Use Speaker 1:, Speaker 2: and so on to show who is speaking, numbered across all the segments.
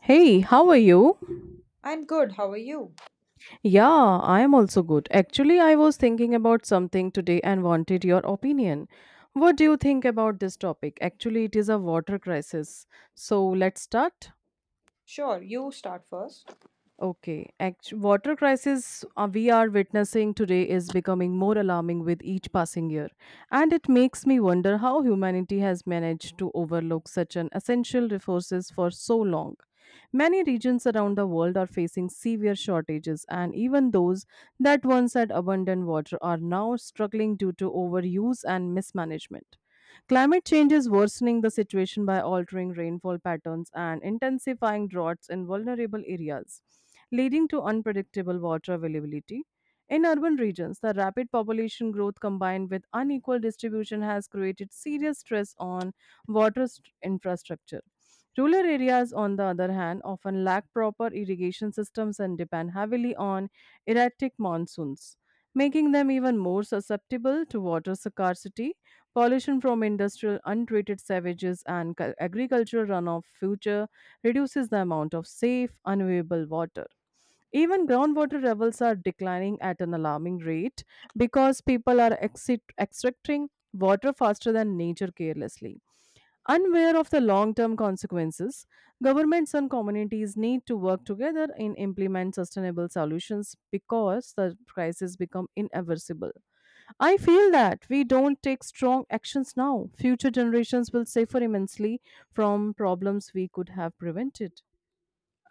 Speaker 1: Hey, how are you?
Speaker 2: I'm good, how are you?
Speaker 1: Yeah, I am also good. Actually, I was thinking about something today and wanted your opinion. What do you think about this topic? Actually, it is a water crisis. So let's start.
Speaker 2: Sure, you start first.
Speaker 1: Okay. Water crisis we are witnessing today is becoming more alarming with each passing year, and it makes me wonder how humanity has managed to overlook such an essential resources for so long. Many regions around the world are facing severe shortages, and even those that once had abundant water are now struggling due to overuse and mismanagement. Climate change is worsening the situation by altering rainfall patterns and intensifying droughts in vulnerable areas, leading to unpredictable water availability. In urban regions, the rapid population growth combined with unequal distribution has created serious stress on infrastructure. Rural areas, on the other hand, often lack proper irrigation systems and depend heavily on erratic monsoons, making them even more susceptible to water scarcity. Pollution from industrial untreated savages and agricultural runoff future reduces the amount of safe, unavailable water. Even groundwater levels are declining at an alarming rate because people are extracting water faster than nature carelessly. Unaware of the long-term consequences, governments and communities need to work together and implement sustainable solutions because the crisis become irreversible. I feel that we don't take strong actions now. Future generations will suffer immensely from problems we could have prevented.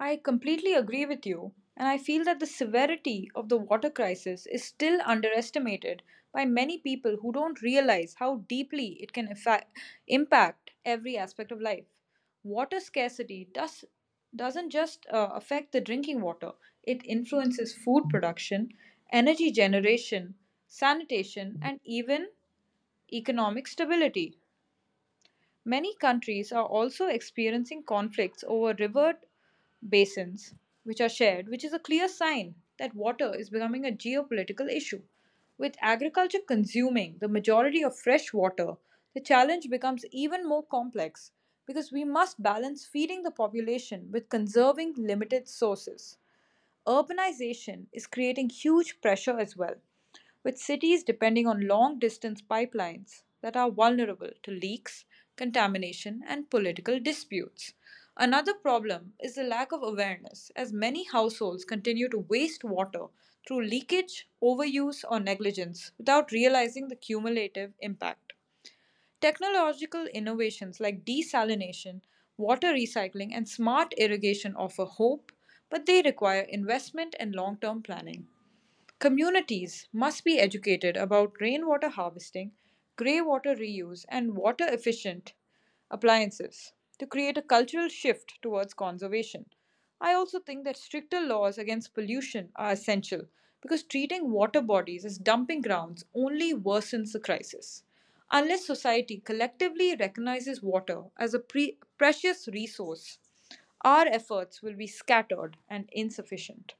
Speaker 2: I completely agree with you, and I feel that the severity of the water crisis is still underestimated by many people who don't realize how deeply it can impact every aspect of life. Water scarcity doesn't just affect the drinking water, it influences food production, energy generation, sanitation, and even economic stability. Many countries are also experiencing conflicts over river basins, which are shared, which is a clear sign that water is becoming a geopolitical issue. With agriculture consuming the majority of fresh water, the challenge becomes even more complex because we must balance feeding the population with conserving limited sources. Urbanization is creating huge pressure as well with cities depending on long distance pipelines that are vulnerable to leaks, contamination, and political disputes. Another problem is the lack of awareness, as many households continue to waste water through leakage, overuse, or negligence without realizing the cumulative impact. Technological innovations like desalination, water recycling, and smart irrigation offer hope, but they require investment and long term planning. Communities must be educated about rainwater harvesting, greywater reuse, and water efficient appliances to create a cultural shift towards conservation. I also think that stricter laws against pollution are essential because treating water bodies as dumping grounds only worsens the crisis. Unless society collectively recognizes water as a precious resource, our efforts will be scattered and insufficient.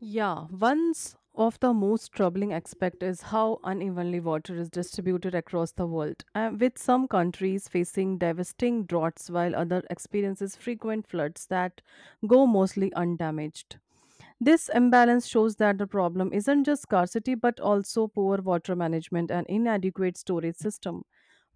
Speaker 1: Yeah, one's of the most troubling aspect is how unevenly water is distributed across the world, with some countries facing devastating droughts while others experiences frequent floods that go mostly undamaged. This imbalance shows that the problem isn't just scarcity but also poor water management and inadequate storage system.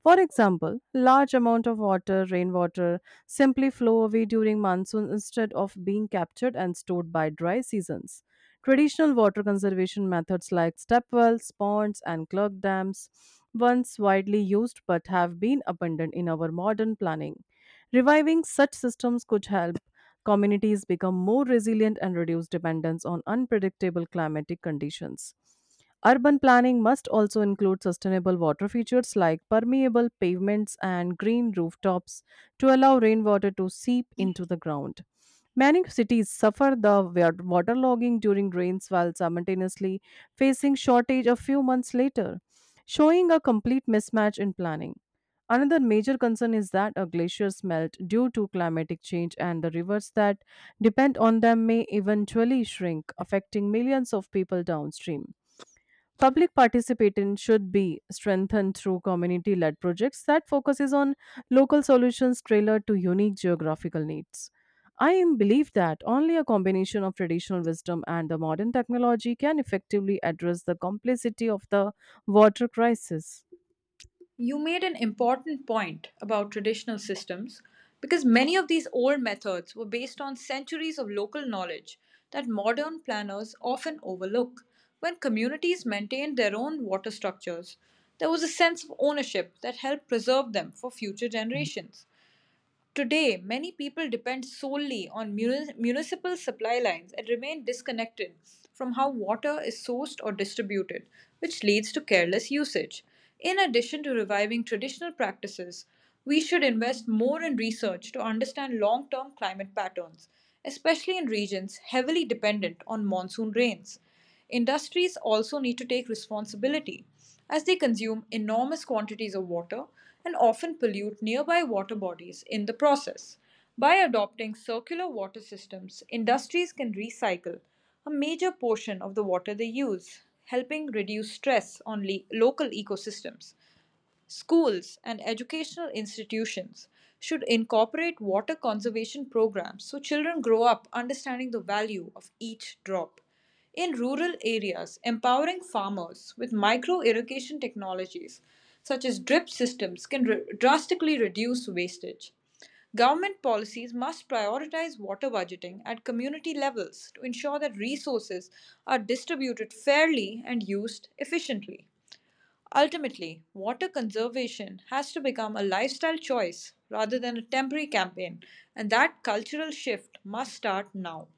Speaker 1: For example, large amount of water, rainwater, simply flow away during monsoon instead of being captured and stored by dry seasons. Traditional water conservation methods like step wells, ponds, and clock dams, once widely used but have been abandoned in our modern planning. Reviving such systems could help communities become more resilient and reduce dependence on unpredictable climatic conditions. Urban planning must also include sustainable water features like permeable pavements and green rooftops to allow rainwater to seep into the ground. Many cities suffer the waterlogging during rains while simultaneously facing shortage a few months later, showing a complete mismatch in planning. Another major concern is that a glaciers melt due to climatic change and the rivers that depend on them may eventually shrink, affecting millions of people downstream. Public participation should be strengthened through community led projects that focuses on local solutions tailored to unique geographical needs. I am believe that only a combination of traditional wisdom and the modern technology can effectively address the complexity of the water crisis.
Speaker 2: You made an important point about traditional systems because many of these old methods were based on centuries of local knowledge that modern planners often overlook. When communities maintained their own water structures, there was a sense of ownership that helped preserve them for future generations. Today, many people depend solely on municipal supply lines and remain disconnected from how water is sourced or distributed, which leads to careless usage. In addition to reviving traditional practices, we should invest more in research to understand long term climate patterns, especially in regions heavily dependent on monsoon rains. Industries also need to take responsibility as they consume enormous quantities of water and often pollute nearby water bodies in the process. By adopting circular water systems, industries can recycle a major portion of the water they use, helping reduce stress on local ecosystems. Schools and educational institutions should incorporate water conservation programs so children grow up understanding the value of each drop. In rural areas, empowering farmers with micro irrigation technologies such as drip systems can drastically reduce wastage. Government policies must prioritize water budgeting at community levels to ensure that resources are distributed fairly and used efficiently. Ultimately, water conservation has to become a lifestyle choice rather than a temporary campaign, and that cultural shift must start now.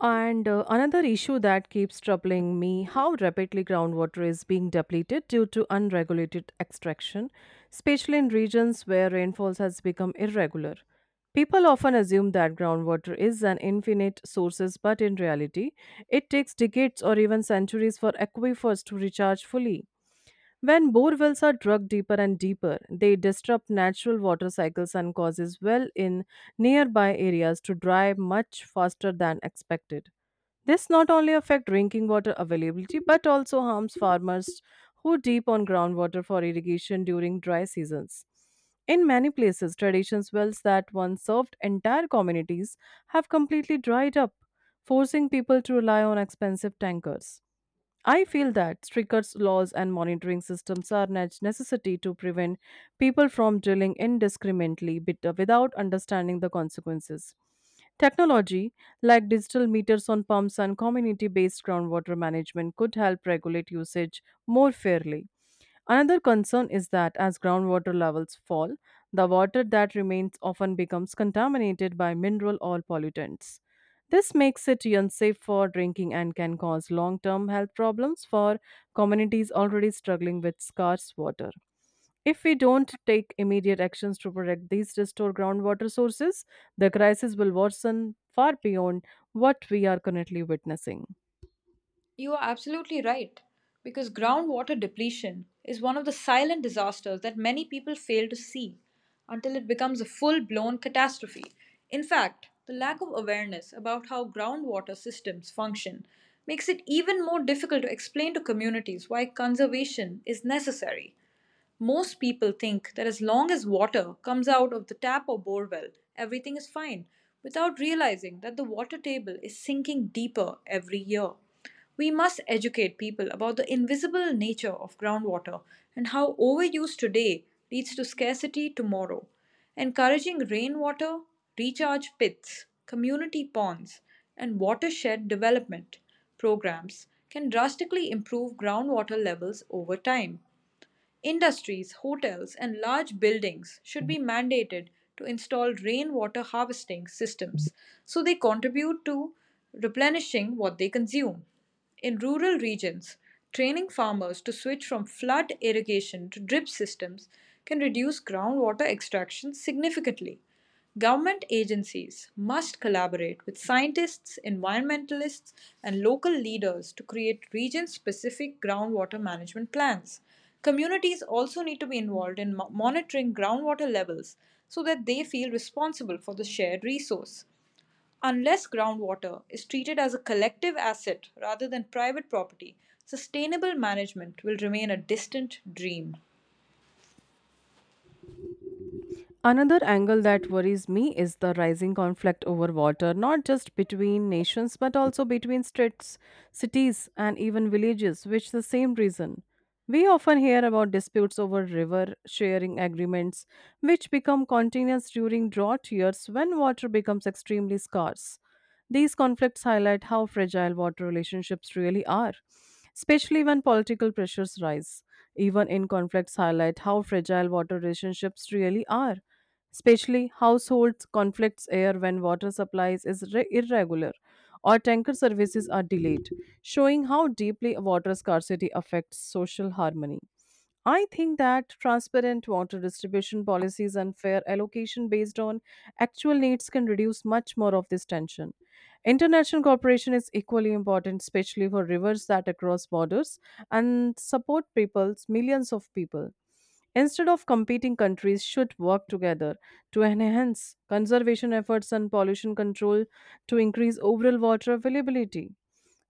Speaker 1: And another issue that keeps troubling me how rapidly groundwater is being depleted due to unregulated extraction, especially in regions where rainfalls has become irregular. People often assume that groundwater is an infinite sources, but in reality, it takes decades or even centuries for aquifers to recharge fully. When bore wells are dug deeper and deeper, they disrupt natural water cycles and causes well in nearby areas to dry much faster than expected. This not only affects drinking water availability but also harms farmers who depend on groundwater for irrigation during dry seasons. In many places, traditional wells that once served entire communities have completely dried up, forcing people to rely on expensive tankers. I feel that stricter laws and monitoring systems are necessity to prevent people from drilling indiscriminately without understanding the consequences. Technology, like digital meters on pumps and community based groundwater management, could help regulate usage more fairly. Another concern is that as groundwater levels fall, the water that remains often becomes contaminated by mineral or pollutants. This makes it unsafe for drinking and can cause long term health problems for communities already struggling with scarce water. If we don't take immediate actions to protect these restored groundwater sources, the crisis will worsen far beyond what we are currently witnessing.
Speaker 2: You are absolutely right, because groundwater depletion is one of the silent disasters that many people fail to see until it becomes a full blown catastrophe. In fact, the lack of awareness about how groundwater systems function makes it even more difficult to explain to communities why conservation is necessary. Most people think that as long as water comes out of the tap or bore well, everything is fine, without realizing that the water table is sinking deeper every year. We must educate people about the invisible nature of groundwater and how overuse today leads to scarcity tomorrow. Encouraging rainwater, recharge pits, community ponds, and watershed development programs can drastically improve groundwater levels over time. Industries, hotels, and large buildings should be mandated to install rainwater harvesting systems so they contribute to replenishing what they consume. In rural regions, training farmers to switch from flood irrigation to drip systems can reduce groundwater extraction significantly. Government agencies must collaborate with scientists, environmentalists, and local leaders to create region specific groundwater management plans. Communities also need to be involved in monitoring groundwater levels so that they feel responsible for the shared resource. Unless groundwater is treated as a collective asset rather than private property, sustainable management will remain a distant dream.
Speaker 1: Another angle that worries me is the rising conflict over water, not just between nations but also between states, cities, and even villages, which the same reason. We often hear about disputes over river sharing agreements, which become continuous during drought years when water becomes extremely scarce. These conflicts highlight how fragile water relationships really are, especially when political pressures rise. Even in conflicts highlight how fragile water relationships really are, especially households conflicts air when water supplies is irregular or tanker services are delayed, showing how deeply water scarcity affects social harmony. I think that transparent water distribution policies and fair allocation based on actual needs can reduce much more of this tension. International cooperation is equally important, especially for rivers that cross borders and support peoples, millions of people. Instead of competing, countries should work together to enhance conservation efforts and pollution control to increase overall water availability.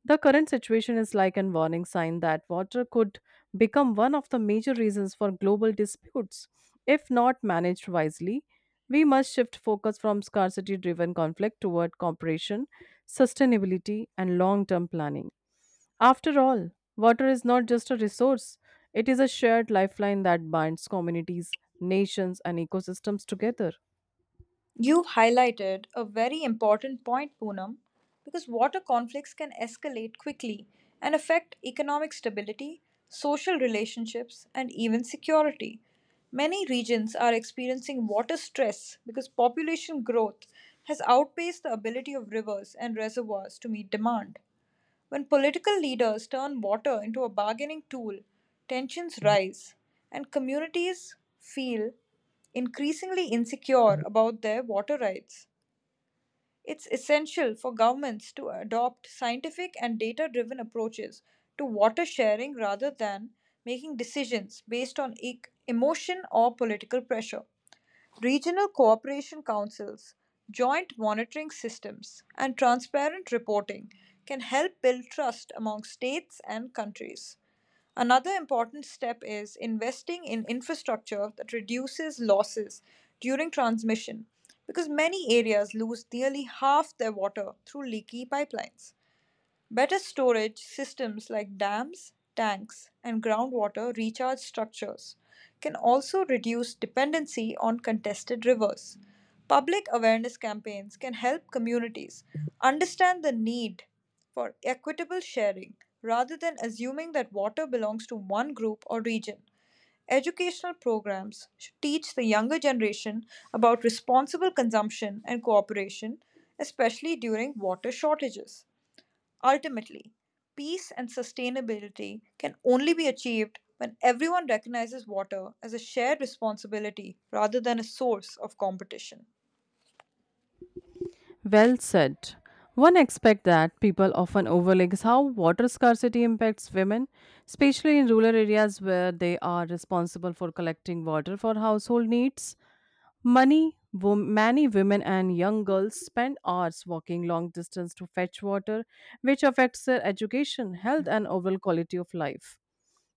Speaker 1: The current situation is like a warning sign that water could become one of the major reasons for global disputes if not managed wisely. We must shift focus from scarcity driven conflict toward cooperation, sustainability, and long term planning. After all, water is not just a resource, it is a shared lifeline that binds communities, nations, and ecosystems together.
Speaker 2: You've highlighted a very important point, Poonam, because water conflicts can escalate quickly and affect economic stability, social relationships, and even security. Many regions are experiencing water stress because population growth has outpaced the ability of rivers and reservoirs to meet demand. When political leaders turn water into a bargaining tool, tensions rise, and communities feel increasingly insecure about their water rights. It's essential for governments to adopt scientific and data driven approaches to water sharing rather than making decisions based on emotion or political pressure. Regional cooperation councils, joint monitoring systems, and transparent reporting can help build trust among states and countries. Another important step is investing in infrastructure that reduces losses during transmission because many areas lose nearly half their water through leaky pipelines. Better storage systems like dams, tanks, and groundwater recharge structures can also reduce dependency on contested rivers. Public awareness campaigns can help communities understand the need for equitable sharing rather than assuming that water belongs to one group or region. Educational programs should teach the younger generation about responsible consumption and cooperation, especially during water shortages. Ultimately, peace and sustainability can only be achieved when everyone recognizes water as a shared responsibility rather than a source of competition.
Speaker 1: Well said. One aspect that people often overlook is how water scarcity impacts women, especially in rural areas where they are responsible for collecting water for household needs. Many women and young girls spend hours walking long distance to fetch water, which affects their education, health, and overall quality of life.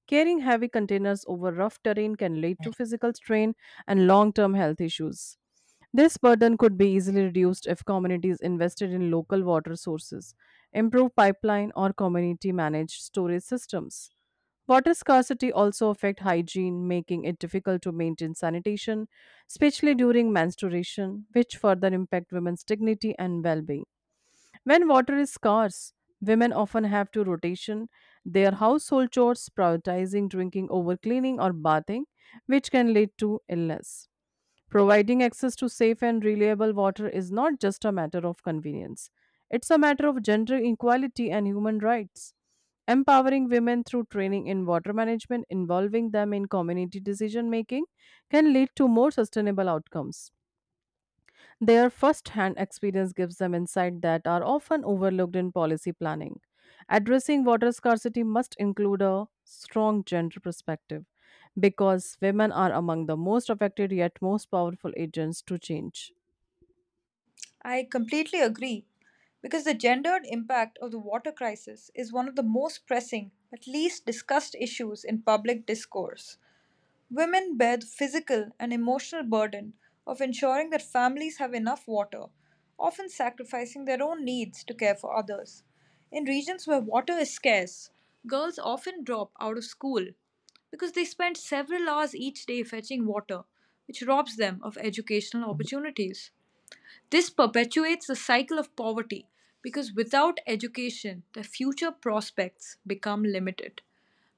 Speaker 1: Carrying heavy containers over rough terrain can lead to physical strain and long term health issues. This burden could be easily reduced if communities invested in local water sources, improved pipeline, or community managed storage systems. Water scarcity also affects hygiene, making it difficult to maintain sanitation, especially during menstruation, which further impact women's dignity and well-being. When water is scarce, women often have to rotation their household chores, prioritizing drinking over cleaning or bathing, which can lead to illness. Providing access to safe and reliable water is not just a matter of convenience, it's a matter of gender equality and human rights. Empowering women through training in water management, involving them in community decision making, can lead to more sustainable outcomes. Their first hand experience gives them insight that are often overlooked in policy planning. Addressing water scarcity must include a strong gender perspective because women are among the most affected yet most powerful agents to change.
Speaker 2: I completely agree because the gendered impact of the water crisis is one of the most pressing but least discussed issues in public discourse. Women bear the physical and emotional burden of ensuring that families have enough water, often sacrificing their own needs to care for others. In regions where water is scarce, girls often drop out of school because they spend several hours each day fetching water, which robs them of educational opportunities. This perpetuates the cycle of poverty because without education, the future prospects become limited.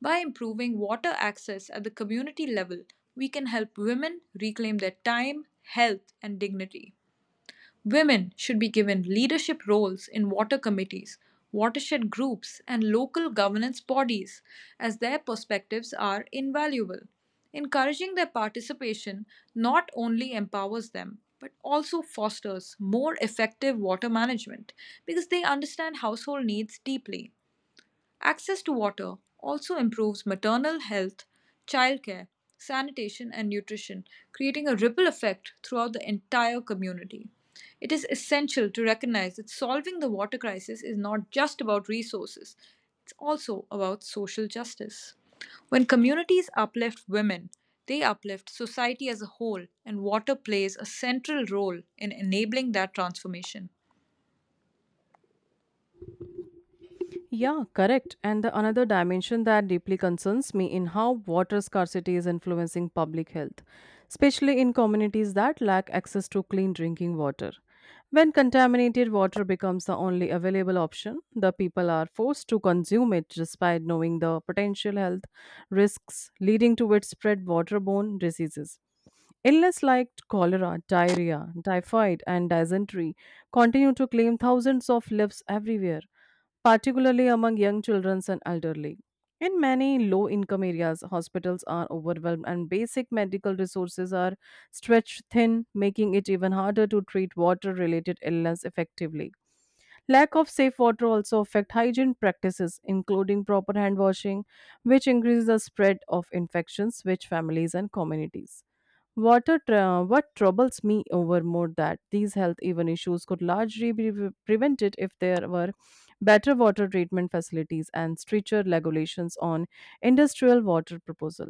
Speaker 2: By improving water access at the community level, we can help women reclaim their time, health, and dignity. Women should be given leadership roles in water committees, watershed groups, and local governance bodies, as their perspectives are invaluable. Encouraging their participation not only empowers them, but also fosters more effective water management because they understand household needs deeply. Access to water also improves maternal health, childcare, sanitation, and nutrition, creating a ripple effect throughout the entire community. It is essential to recognize that solving the water crisis is not just about resources, it's also about social justice. When communities uplift women, they uplift society as a whole, and water plays a central role in enabling that transformation.
Speaker 1: Yeah, correct. And the another dimension that deeply concerns me in how water scarcity is influencing public health, especially in communities that lack access to clean drinking water. When contaminated water becomes the only available option, the people are forced to consume it despite knowing the potential health risks leading to widespread waterborne diseases. Illness like cholera, diarrhea, typhoid, and dysentery continue to claim thousands of lives everywhere particularly among young children and elderly. In many low income areas, hospitals are overwhelmed and basic medical resources are stretched thin, making it even harder to treat water related illness effectively. Lack of safe water also affect hygiene practices, including proper hand washing, which increases the spread of infections which families and communities. What troubles me over more that these health even issues could largely be prevented if there were better water treatment facilities and stricter regulations on industrial water proposal.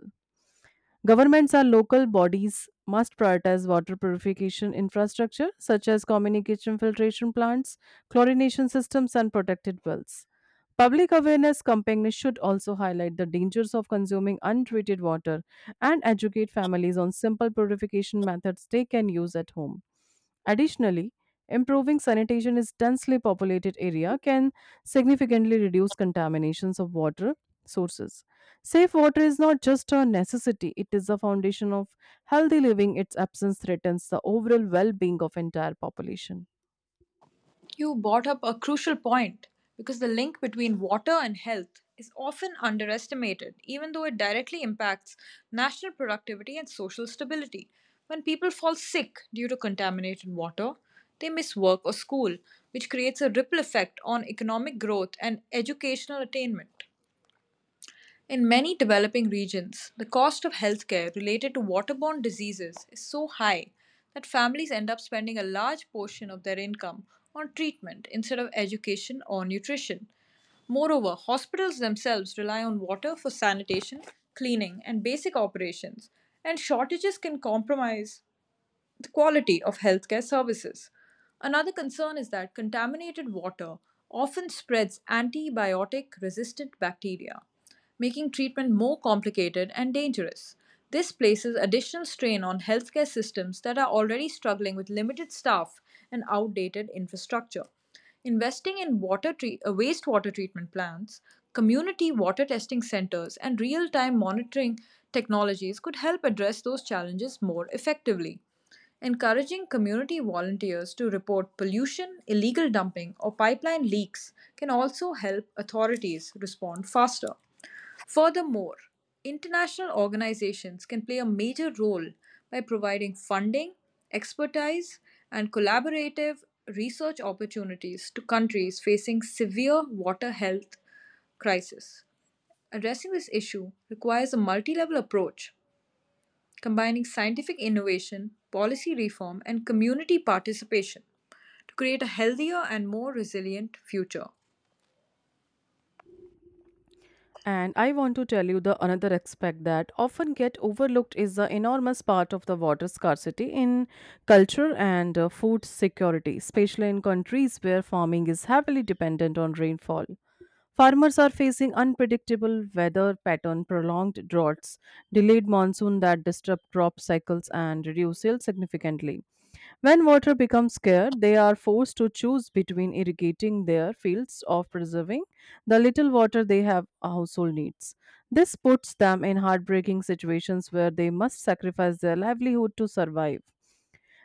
Speaker 1: Governments and local bodies must prioritize water purification infrastructure such as communication filtration plants, chlorination systems and protected wells. Public awareness campaigns should also highlight the dangers of consuming untreated water and educate families on simple purification methods they can use at home. Additionally, improving sanitation in densely populated area can significantly reduce contaminations of water sources. Safe water is not just a necessity, it is the foundation of healthy living. Its absence threatens the overall well-being of entire population.
Speaker 2: You brought up a crucial point because the link between water and health is often underestimated, even though it directly impacts national productivity and social stability. When people fall sick due to contaminated water, they miss work or school, which creates a ripple effect on economic growth and educational attainment. In many developing regions, the cost of healthcare related to waterborne diseases is so high that families end up spending a large portion of their income on treatment instead of education or nutrition. Moreover, hospitals themselves rely on water for sanitation, cleaning, and basic operations, and shortages can compromise the quality of healthcare services. Another concern is that contaminated water often spreads antibiotic resistant bacteria, making treatment more complicated and dangerous. This places additional strain on healthcare systems that are already struggling with limited staff and outdated infrastructure. Investing in wastewater treatment plants, community water testing centers, and real time monitoring technologies could help address those challenges more effectively. Encouraging community volunteers to report pollution, illegal dumping, or pipeline leaks can also help authorities respond faster. Furthermore, international organizations can play a major role by providing funding, expertise, and collaborative research opportunities to countries facing severe water health crisis. Addressing this issue requires a multi level approach combining scientific innovation, policy reform, and community participation to create a healthier and more resilient future.
Speaker 1: And I want to tell you the another aspect that often get overlooked is the enormous part of the water scarcity in culture and food security, especially in countries where farming is heavily dependent on rainfall. Farmers are facing unpredictable weather pattern, prolonged droughts, delayed monsoon that disrupt crop cycles and reduce yield significantly. When water becomes scarce, they are forced to choose between irrigating their fields or preserving the little water they have household needs. This puts them in heartbreaking situations where they must sacrifice their livelihood to survive.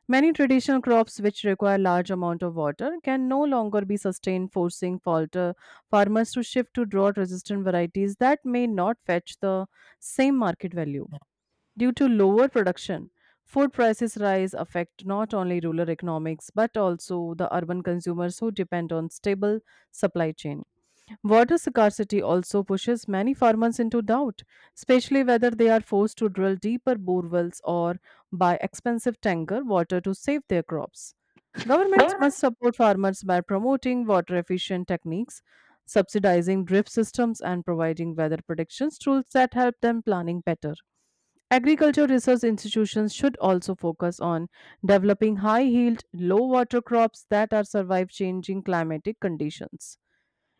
Speaker 1: Many traditional crops which require large amount of water can no longer be sustained, forcing falter farmers to shift to drought-resistant varieties that may not fetch the same market value. Due to lower production, food prices rise affect not only rural economics but also the urban consumers who depend on stable supply chain. Water scarcity also pushes many farmers into doubt, especially whether they are forced to drill deeper borewells or buy expensive tanker water to save their crops. Governments must support farmers by promoting water efficient techniques, subsidizing drip systems, and providing weather predictions tools that help them planning better. Agriculture research institutions should also focus on developing high yield, low water crops that are survive changing climatic conditions.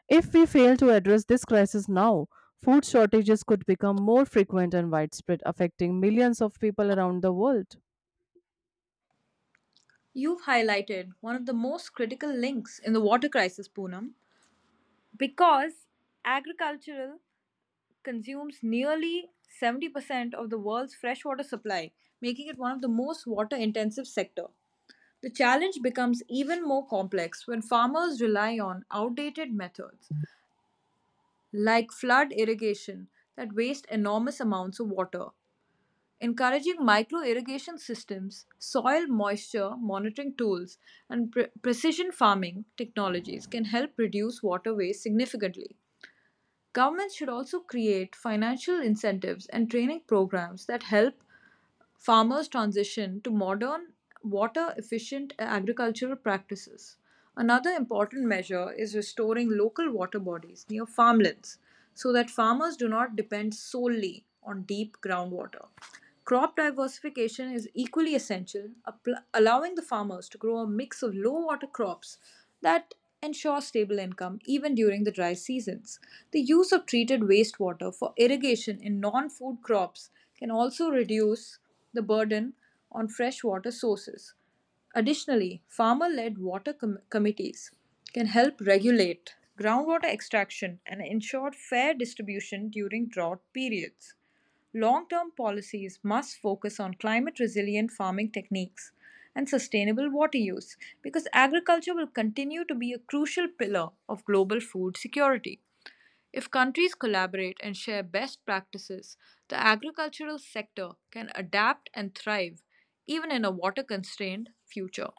Speaker 1: If we fail to address this crisis now, food shortages could become more frequent and widespread, affecting millions of people around the world.
Speaker 2: You've highlighted one of the most critical links in the water crisis, Poonam, because agricultural consumes nearly 70% of the world's freshwater supply, making it one of the most water intensive sector. The challenge becomes even more complex when farmers rely on outdated methods like flood irrigation that waste enormous amounts of water. Encouraging micro irrigation systems, soil moisture monitoring tools, and precision farming technologies can help reduce water waste significantly. Governments should also create financial incentives and training programs that help farmers transition to modern, water efficient agricultural practices. Another important measure is restoring local water bodies near farmlands so that farmers do not depend solely on deep groundwater. Crop diversification is equally essential, allowing the farmers to grow a mix of low water crops that ensure stable income even during the dry seasons. The use of treated wastewater for irrigation in non food crops can also reduce the burden on freshwater sources. Additionally, farmer led committees can help regulate groundwater extraction and ensure fair distribution during drought periods. Long term policies must focus on climate resilient farming techniques and sustainable water use because agriculture will continue to be a crucial pillar of global food security. If countries collaborate and share best practices, the agricultural sector can adapt and thrive even in a water constrained future.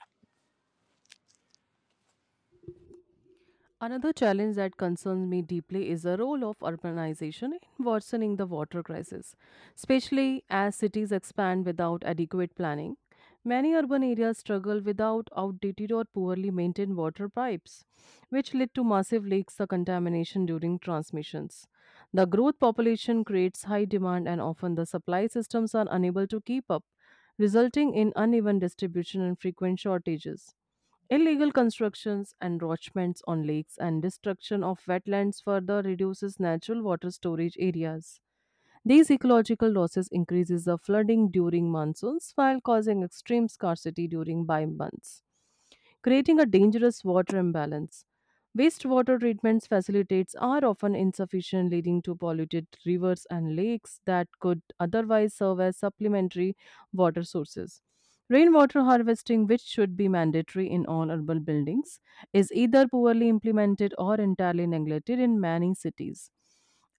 Speaker 1: Another challenge that concerns me deeply is the role of urbanization in worsening the water crisis, especially as cities expand without adequate planning. Many urban areas struggle without outdated or poorly maintained water pipes, which lead to massive leaks or contamination during transmissions. The growth population creates high demand, and often the supply systems are unable to keep up, resulting in uneven distribution and frequent shortages. Illegal constructions, encroachments on lakes, and destruction of wetlands further reduces natural water storage areas. These ecological losses increases the flooding during monsoons while causing extreme scarcity during dry months, creating a dangerous water imbalance. Wastewater treatment facilities are often insufficient, leading to polluted rivers and lakes that could otherwise serve as supplementary water sources. Rainwater harvesting, which should be mandatory in all urban buildings, is either poorly implemented or entirely neglected in many cities.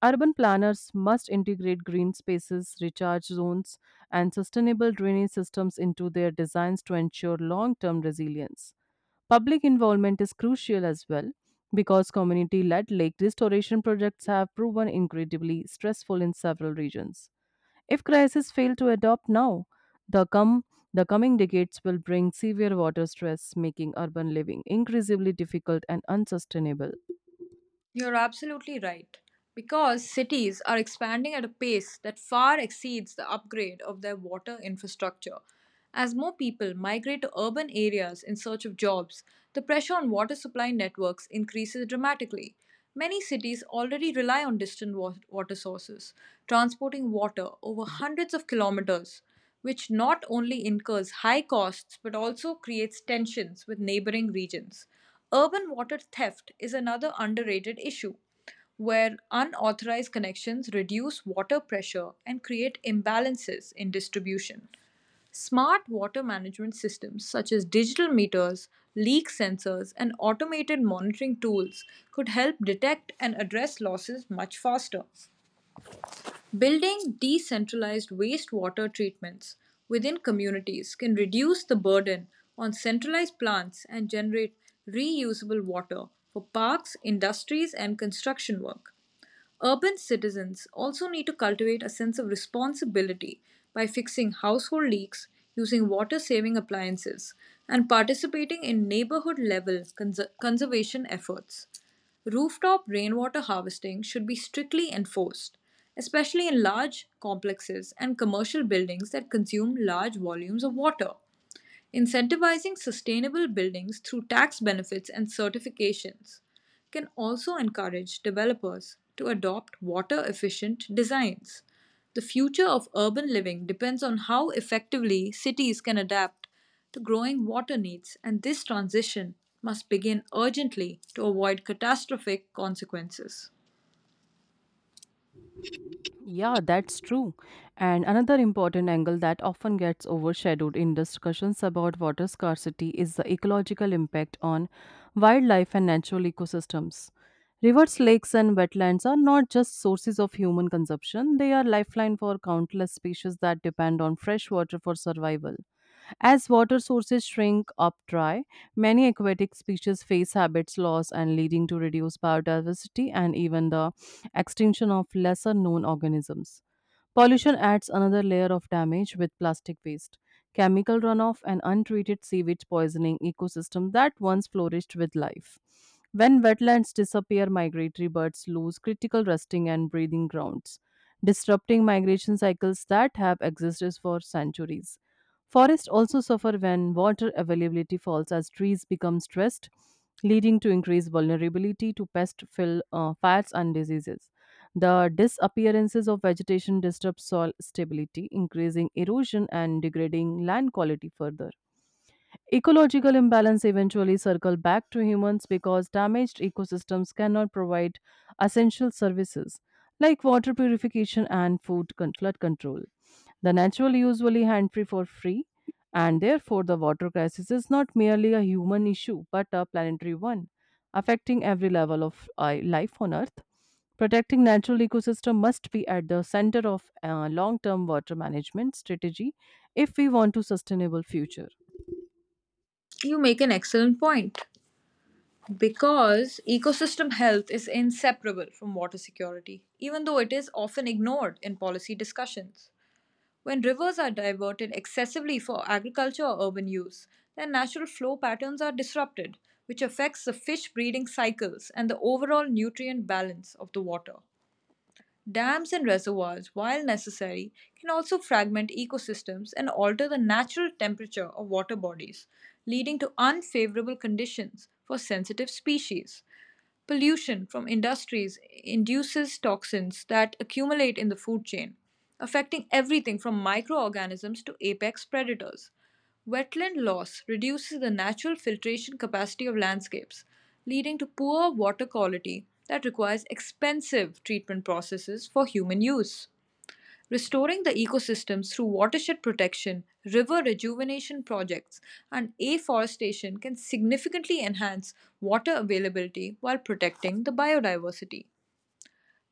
Speaker 1: Urban planners must integrate green spaces, recharge zones, and sustainable drainage systems into their designs to ensure long term resilience. Public involvement is crucial as well because community led lake restoration projects have proven incredibly stressful in several regions. If crises fail to adopt now, the, come, the coming decades will bring severe water stress, making urban living increasingly difficult and unsustainable.
Speaker 2: You're absolutely right. Because cities are expanding at a pace that far exceeds the upgrade of their water infrastructure. As more people migrate to urban areas in search of jobs, the pressure on water supply networks increases dramatically. Many cities already rely on distant water sources, transporting water over hundreds of kilometers, which not only incurs high costs but also creates tensions with neighboring regions. Urban water theft is another underrated issue, where unauthorized connections reduce water pressure and create imbalances in distribution. Smart water management systems such as digital meters, leak sensors, and automated monitoring tools could help detect and address losses much faster. Building decentralized wastewater treatments within communities can reduce the burden on centralized plants and generate reusable water for parks, industries, and construction work. Urban citizens also need to cultivate a sense of responsibility by fixing household leaks, using water saving appliances, and participating in neighborhood level conservation efforts. Rooftop rainwater harvesting should be strictly enforced, especially in large complexes and commercial buildings that consume large volumes of water. Incentivizing sustainable buildings through tax benefits and certifications can also encourage developers to adopt water efficient designs. The future of urban living depends on how effectively cities can adapt to growing water needs, and this transition must begin urgently to avoid catastrophic consequences.
Speaker 1: Yeah, that's true. And another important angle that often gets overshadowed in discussions about water scarcity is the ecological impact on wildlife and natural ecosystems. Rivers, lakes, and wetlands are not just sources of human consumption, they are lifeline for countless species that depend on fresh water for survival. As water sources shrink up dry, many aquatic species face habitat loss and leading to reduced biodiversity and even the extinction of lesser known organisms. Pollution adds another layer of damage with plastic waste, chemical runoff, and untreated sewage poisoning ecosystem that once flourished with life. When wetlands disappear, migratory birds lose critical resting and breeding grounds, disrupting migration cycles that have existed for centuries. Forests also suffer when water availability falls as trees become stressed, leading to increased vulnerability to fires, and diseases. The disappearances of vegetation disturb soil stability, increasing erosion and degrading land quality further. Ecological imbalance eventually circle back to humans because damaged ecosystems cannot provide essential services like water purification and flood control. The natural usually hand free for free, and therefore the water crisis is not merely a human issue but a planetary one, affecting every level of life on Earth. Protecting natural ecosystem must be at the center of long-term water management strategy if we want to sustainable future.
Speaker 2: You make an excellent point because ecosystem health is inseparable from water security, even though it is often ignored in policy discussions. When rivers are diverted excessively for agriculture or urban use, their natural flow patterns are disrupted, which affects the fish breeding cycles and the overall nutrient balance of the water. Dams and reservoirs, while necessary, can also fragment ecosystems and alter the natural temperature of water bodies, leading to unfavorable conditions for sensitive species. Pollution from industries induces toxins that accumulate in the food chain, affecting everything from microorganisms to apex predators. Wetland loss reduces the natural filtration capacity of landscapes, leading to poor water quality that requires expensive treatment processes for human use. Restoring the ecosystems through watershed protection, river rejuvenation projects, and afforestation can significantly enhance water availability while protecting the biodiversity.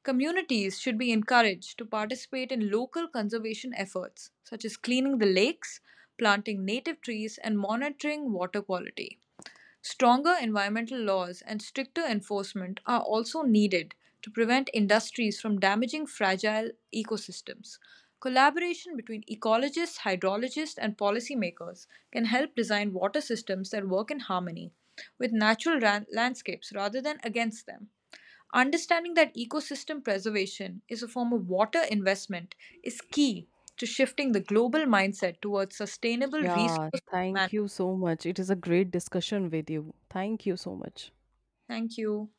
Speaker 2: Communities should be encouraged to participate in local conservation efforts, such as cleaning the lakes, planting native trees, and monitoring water quality. Stronger environmental laws and stricter enforcement are also needed to prevent industries from damaging fragile ecosystems. Collaboration between ecologists, hydrologists, and policymakers can help design water systems that work in harmony with natural landscapes rather than against them. Understanding that ecosystem preservation is a form of water investment is key to shifting the global mindset towards sustainable
Speaker 1: Yeah,
Speaker 2: resource
Speaker 1: thank
Speaker 2: management.
Speaker 1: you so much. It is a great discussion with you. Thank you so much.
Speaker 2: Thank you.